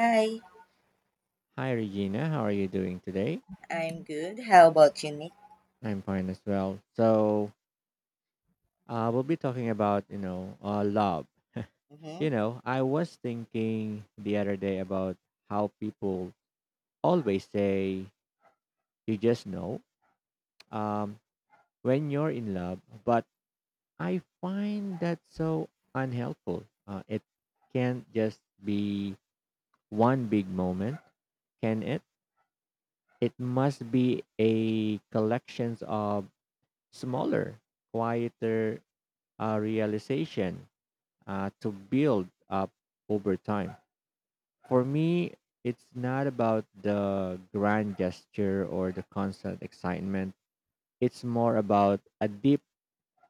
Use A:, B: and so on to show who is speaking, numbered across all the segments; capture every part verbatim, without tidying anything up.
A: Hi,
B: Hi, Regina. How are you doing today?
A: I'm good. How about you, Nick?
B: I'm fine as well. So, uh, we'll be talking about, you know, uh, love. You
A: Hmm.
B: know, I was thinking the other day about how people always say, you just know, um, when you're in love, but I find that so unhelpful. Uh, it can't just be one big moment, can it? It must be a collections of smaller quieter uh, realization uh, to build up over time. For me, it's not about the grand gesture or the constant excitement. It's more about a deep,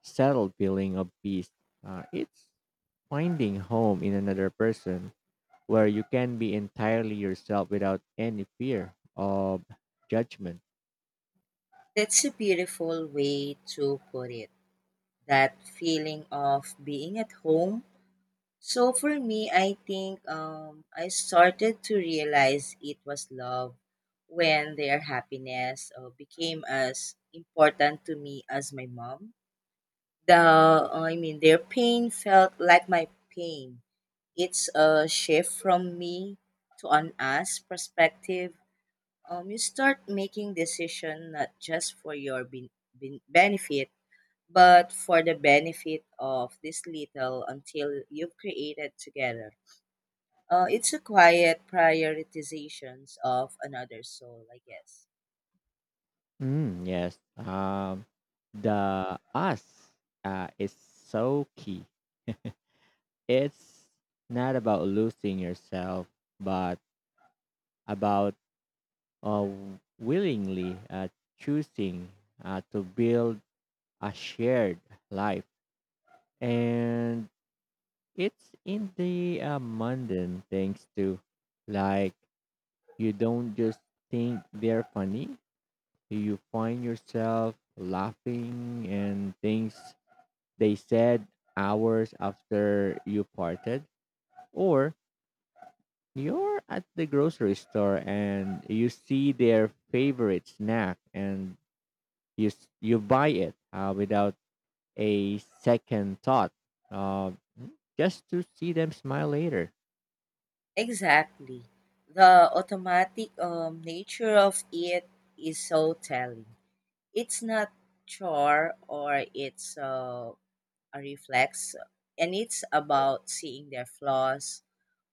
B: settled feeling of peace. Uh, it's finding home in another person where you can be entirely yourself without any fear of judgment.
A: That's a beautiful way to put it. That feeling of being at home. So for me, I think um, I started to realize it was love when their happiness uh, became as important to me as my mom. The uh, I mean, their pain felt like my pain. It's a shift from me to an us perspective. Um, you start making decision not just for your ben- ben- benefit but for the benefit of this little until you've created together. Uh, it's a quiet prioritizations of another soul, I guess.
B: Mm, yes. Um, the us uh, is so key. It's not about losing yourself, but about uh, willingly uh, choosing uh, to build a shared life. And it's in the uh, mundane things too. Like, you don't just think they're funny, you find yourself laughing and things they said hours after you parted, or you're at the grocery store and you see their favorite snack and you s- you buy it uh, without a second thought, uh, just to see them smile later.
A: Exactly, the automatic um, nature of it is so telling. It's not chore or it's uh, a reflex, and it's about seeing their flaws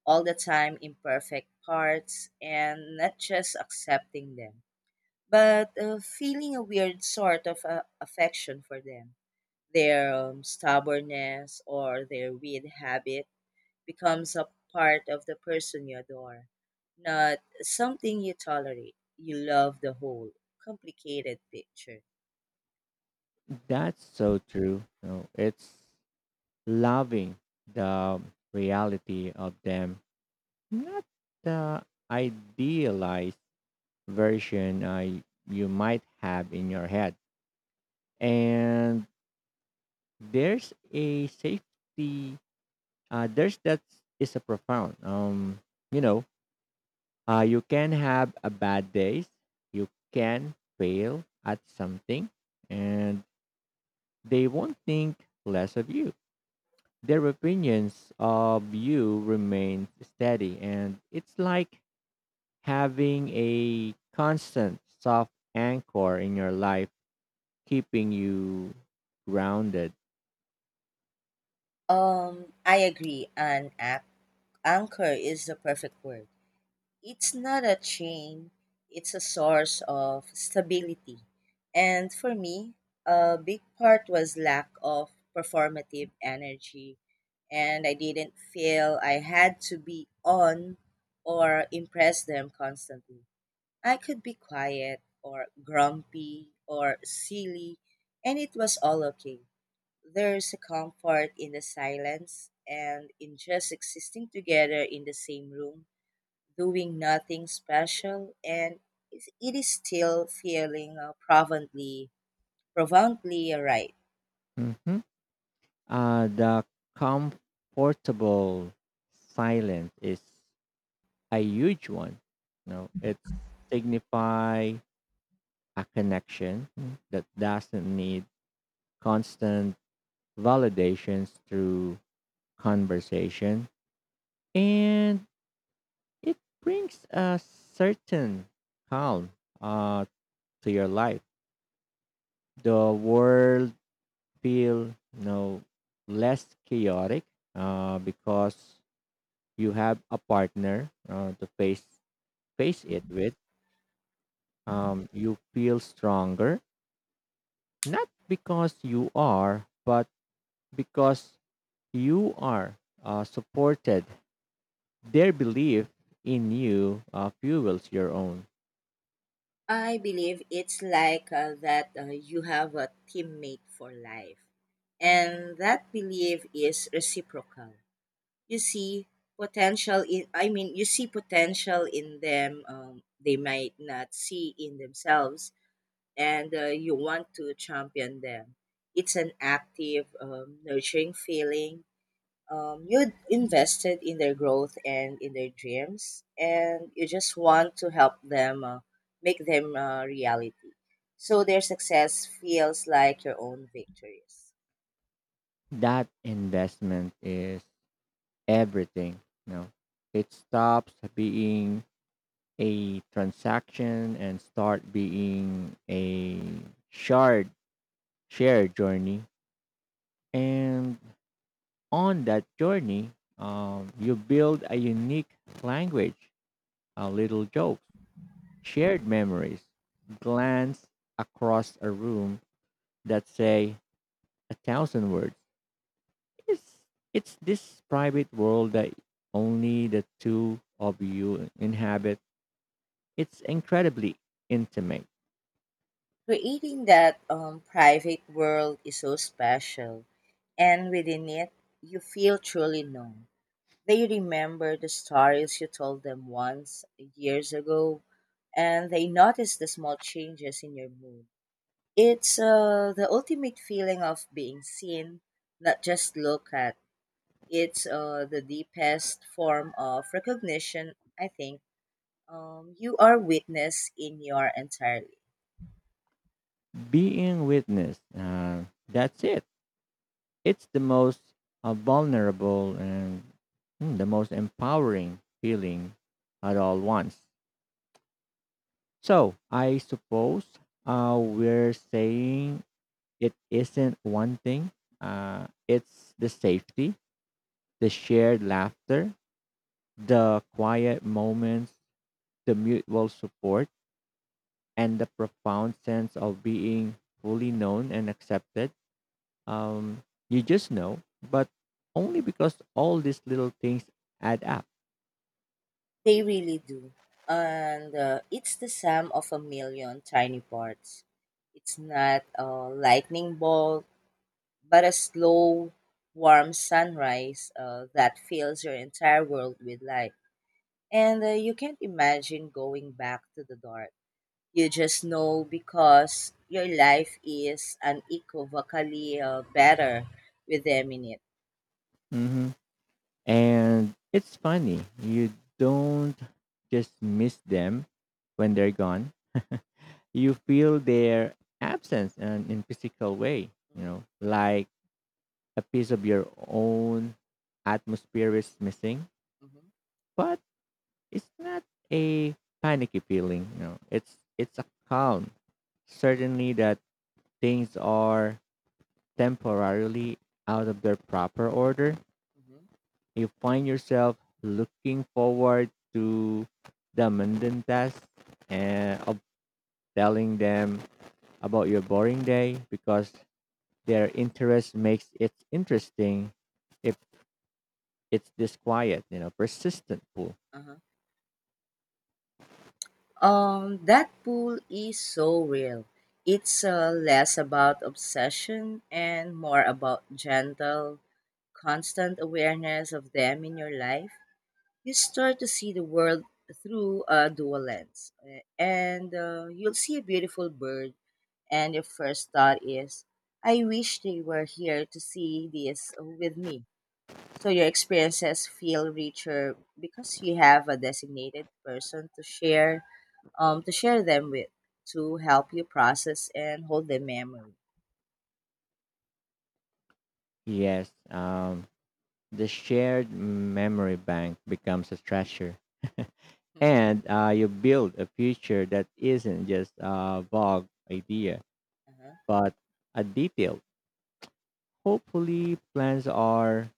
A: all the time imperfect parts and not just accepting them, but uh, feeling a weird sort of uh, affection for them. Their um, stubbornness or their weird habit becomes a part of the person you adore, not something you tolerate. You love the whole complicated picture.
B: That's so true. No, it's loving the reality of them, not the idealized version I you might have in your head. And there's a safety, uh, there's that is a profound. Um, you know, uh, you can have a bad days, you can fail at something, and they won't think less of you. Their opinions of you remain steady, and it's like having a constant soft anchor in your life, keeping you grounded.
A: Um, I agree. An ac- anchor is the perfect word. It's not a chain, it's a source of stability. And for me, a big part was lack of performative energy. And I didn't feel I had to be on or impress them constantly. I could be quiet or grumpy or silly, and it was all okay. There's a comfort in the silence and in just existing together in the same room doing nothing special, and it's- it is still feeling uh, profoundly profoundly right.
B: Mhm. Uh, the comfortable silence is a huge one. You know, it signify a connection that doesn't need constant validations through conversation, and it brings a certain calm uh, to your life. The world feel you know less chaotic uh, because you have a partner uh, to face face it with. Um, you feel stronger not because you are, but because you are uh, supported. Their belief in you uh, fuels your own.
A: I believe it's like uh, that uh, you have a teammate for life, and that belief is reciprocal. you see potential in i mean you see potential in them um, they might not see in themselves, and uh, you want to champion them. It's an active um, nurturing feeling. Um, you invested in their growth and in their dreams, and you just want to help them uh, make them uh, reality, so their success feels like your own victories.
B: That investment is everything. You know, it stops being a transaction and start being a shared shared journey. And on that journey, um, you build a unique language, uh, little jokes, shared memories, glance across a room that say a thousand words. It's, it's this private world that only the two of you inhabit. It's incredibly intimate.
A: Creating that um, private world is so special, and within it you feel truly known. They remember the stories you told them once years ago, and they notice the small changes in your mood. It's uh, the ultimate feeling of being seen, not just looked at. It's uh, the deepest form of recognition, I think. Um, you are witness in your entirely.
B: Being witness, uh, that's it. It's the most uh, vulnerable and mm, the most empowering feeling at all once. So I suppose uh, we're saying it isn't one thing. Uh, it's the safety, the shared laughter, the quiet moments, the mutual support, and the profound sense of being fully known and accepted. Um, you just know, but only because all these little things add up.
A: They really do. And uh, it's the sum of a million tiny parts. It's not a lightning bolt, but a slow, warm sunrise uh, that fills your entire world with light. And uh, you can't imagine going back to the dark. You just know because your life is unequivocally uh, better with them in it.
B: hmm And it's funny, you don't just miss them when they're gone. You feel their absence and in physical way, you
A: Mhm,
B: know like a piece of your own atmosphere is missing.
A: mhm,
B: But it's not a panicky feeling, you know it's it's a calm certainly that things are temporarily out of their proper order.
A: mhm,
B: You find yourself looking forward to the mundane tasks and of telling them about your boring day because their interest makes it interesting. If it's this quiet, you know, persistent pull.
A: uh-huh. Um, that pull is so real. It's uh, less about obsession and more about gentle, constant awareness of them in your life. You start to see the world through a dual lens, uh, and uh, you'll see a beautiful bird. And your first thought is, I wish they were here to see this with me. So your experiences feel richer because you have a designated person to share, um to share them with to help you process and hold the memory.
B: Yes, um, the shared memory bank becomes a treasure,
A: Mhm.
B: and uh, you build a future that isn't just a vague idea,
A: Uh-huh.
B: but a detailed. Hopefully, plans are.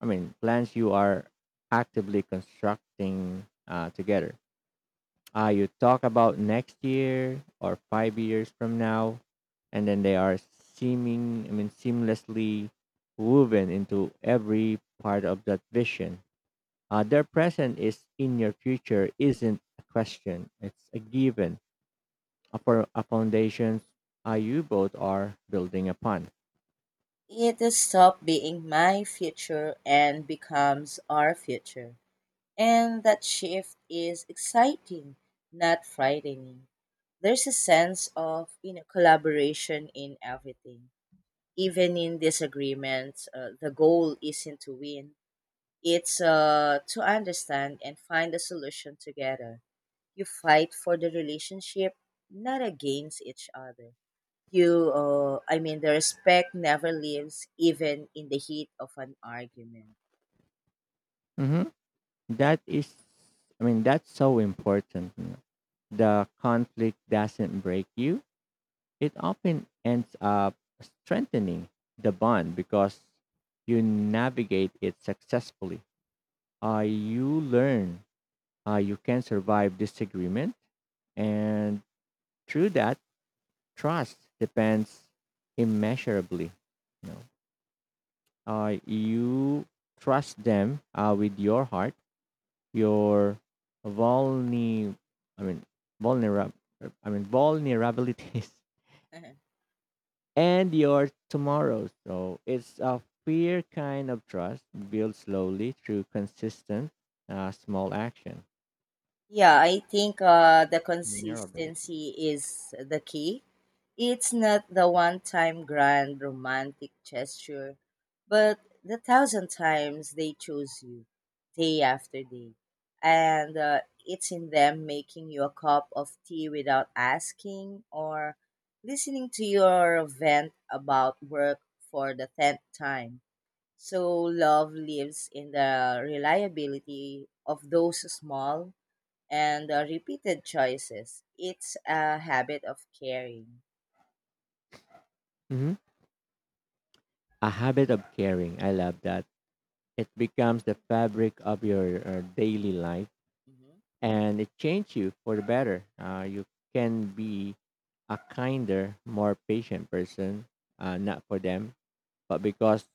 B: I mean, plans you are actively constructing uh, together. uh, you talk about next year or five years from now, and then they are seeming, I mean, seamlessly woven into every part of that vision. Uh, their present is in your future isn't a question; it's a given, a, for a foundation uh, you both are building upon.
A: It is stop being my future and becomes our future. And that shift is exciting, not frightening. There's a sense of, you know, collaboration in everything. Even in disagreements, uh, the goal isn't to win. It's uh, to understand and find a solution together. You fight for the relationship, not against each other. You, uh, I mean, the respect never leaves, even in the heat of an argument.
B: Mhm. That is, I mean, that's so important. The conflict doesn't break you; it often ends up strengthening the bond because you navigate it successfully. Uh, you learn uh, you can survive disagreement, and through that, trust depends immeasurably. You know, uh, you trust them uh, with your heart, your vulne, I mean, vulnerab, I mean, vulnerabilities, and your tomorrow. So it's a fair kind of trust built slowly through consistent uh, small action.
A: Yeah, I think uh, the consistency is the key. It's not the one time grand romantic gesture, but the thousand times they choose you day after day. And uh, it's in them making you a cup of tea without asking or listening to your vent about work for the tenth time. So, love lives in the reliability of those small and uh, repeated choices. It's a habit of caring.
B: Mhm. A habit of caring. I love that. It becomes the fabric of your uh, daily life
A: Hmm.
B: and it changes you for the better. Uh, you can be a kinder, more patient person, uh, not for them, but because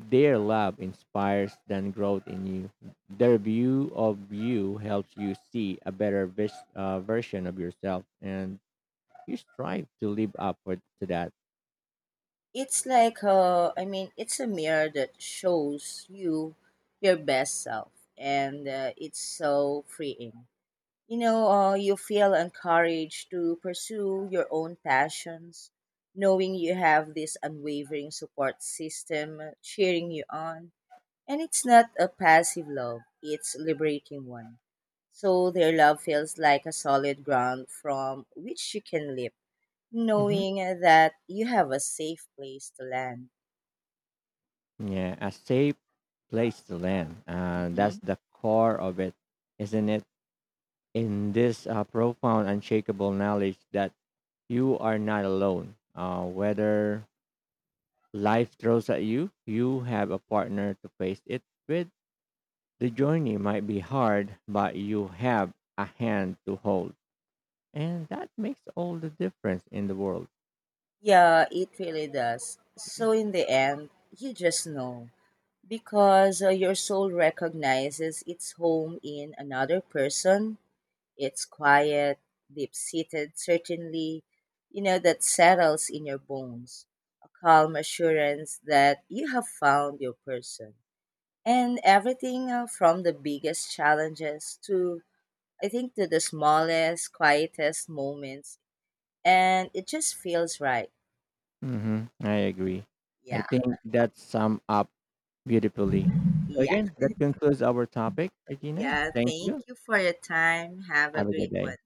B: their love inspires then growth in you. Their view of you helps you see a better vis- uh, version of yourself, and you strive to live up for, to that.
A: It's like, uh, I mean, it's a mirror that shows you your best self, and uh, it's so freeing. You know, uh, you feel encouraged to pursue your own passions, knowing you have this unwavering support system cheering you on. And it's not a passive love, it's liberating one. So their love feels like a solid ground from which you can leap,
B: hmm
A: knowing that you have a safe place to land.
B: Yeah, a safe place to land. Uh, that's
A: Hmm.
B: the core of it, isn't it? In this uh, profound, unshakable knowledge that you are not alone. Uh, whether life throws at you, you have a partner to face it with. The journey might be hard, but you have a hand to hold. And that makes all the difference in the world.
A: Yeah, it really does. So in the end, you just know because uh, your soul recognizes its home in another person. It's quiet, deep seated, certainly, you know, that settles in your bones. A calm assurance that you have found your person. And everything uh, from the biggest challenges to, I think, to the smallest, quietest moments. And it just feels right.
B: Hmm. I agree. I
A: Yeah,
B: think that sums up beautifully. So,
A: yeah,
B: again, that concludes our topic, Regina.
A: yeah.
B: Thank
A: Thank
B: you.
A: you for your time. Have a
B: Have a good
A: great
B: day.
A: one.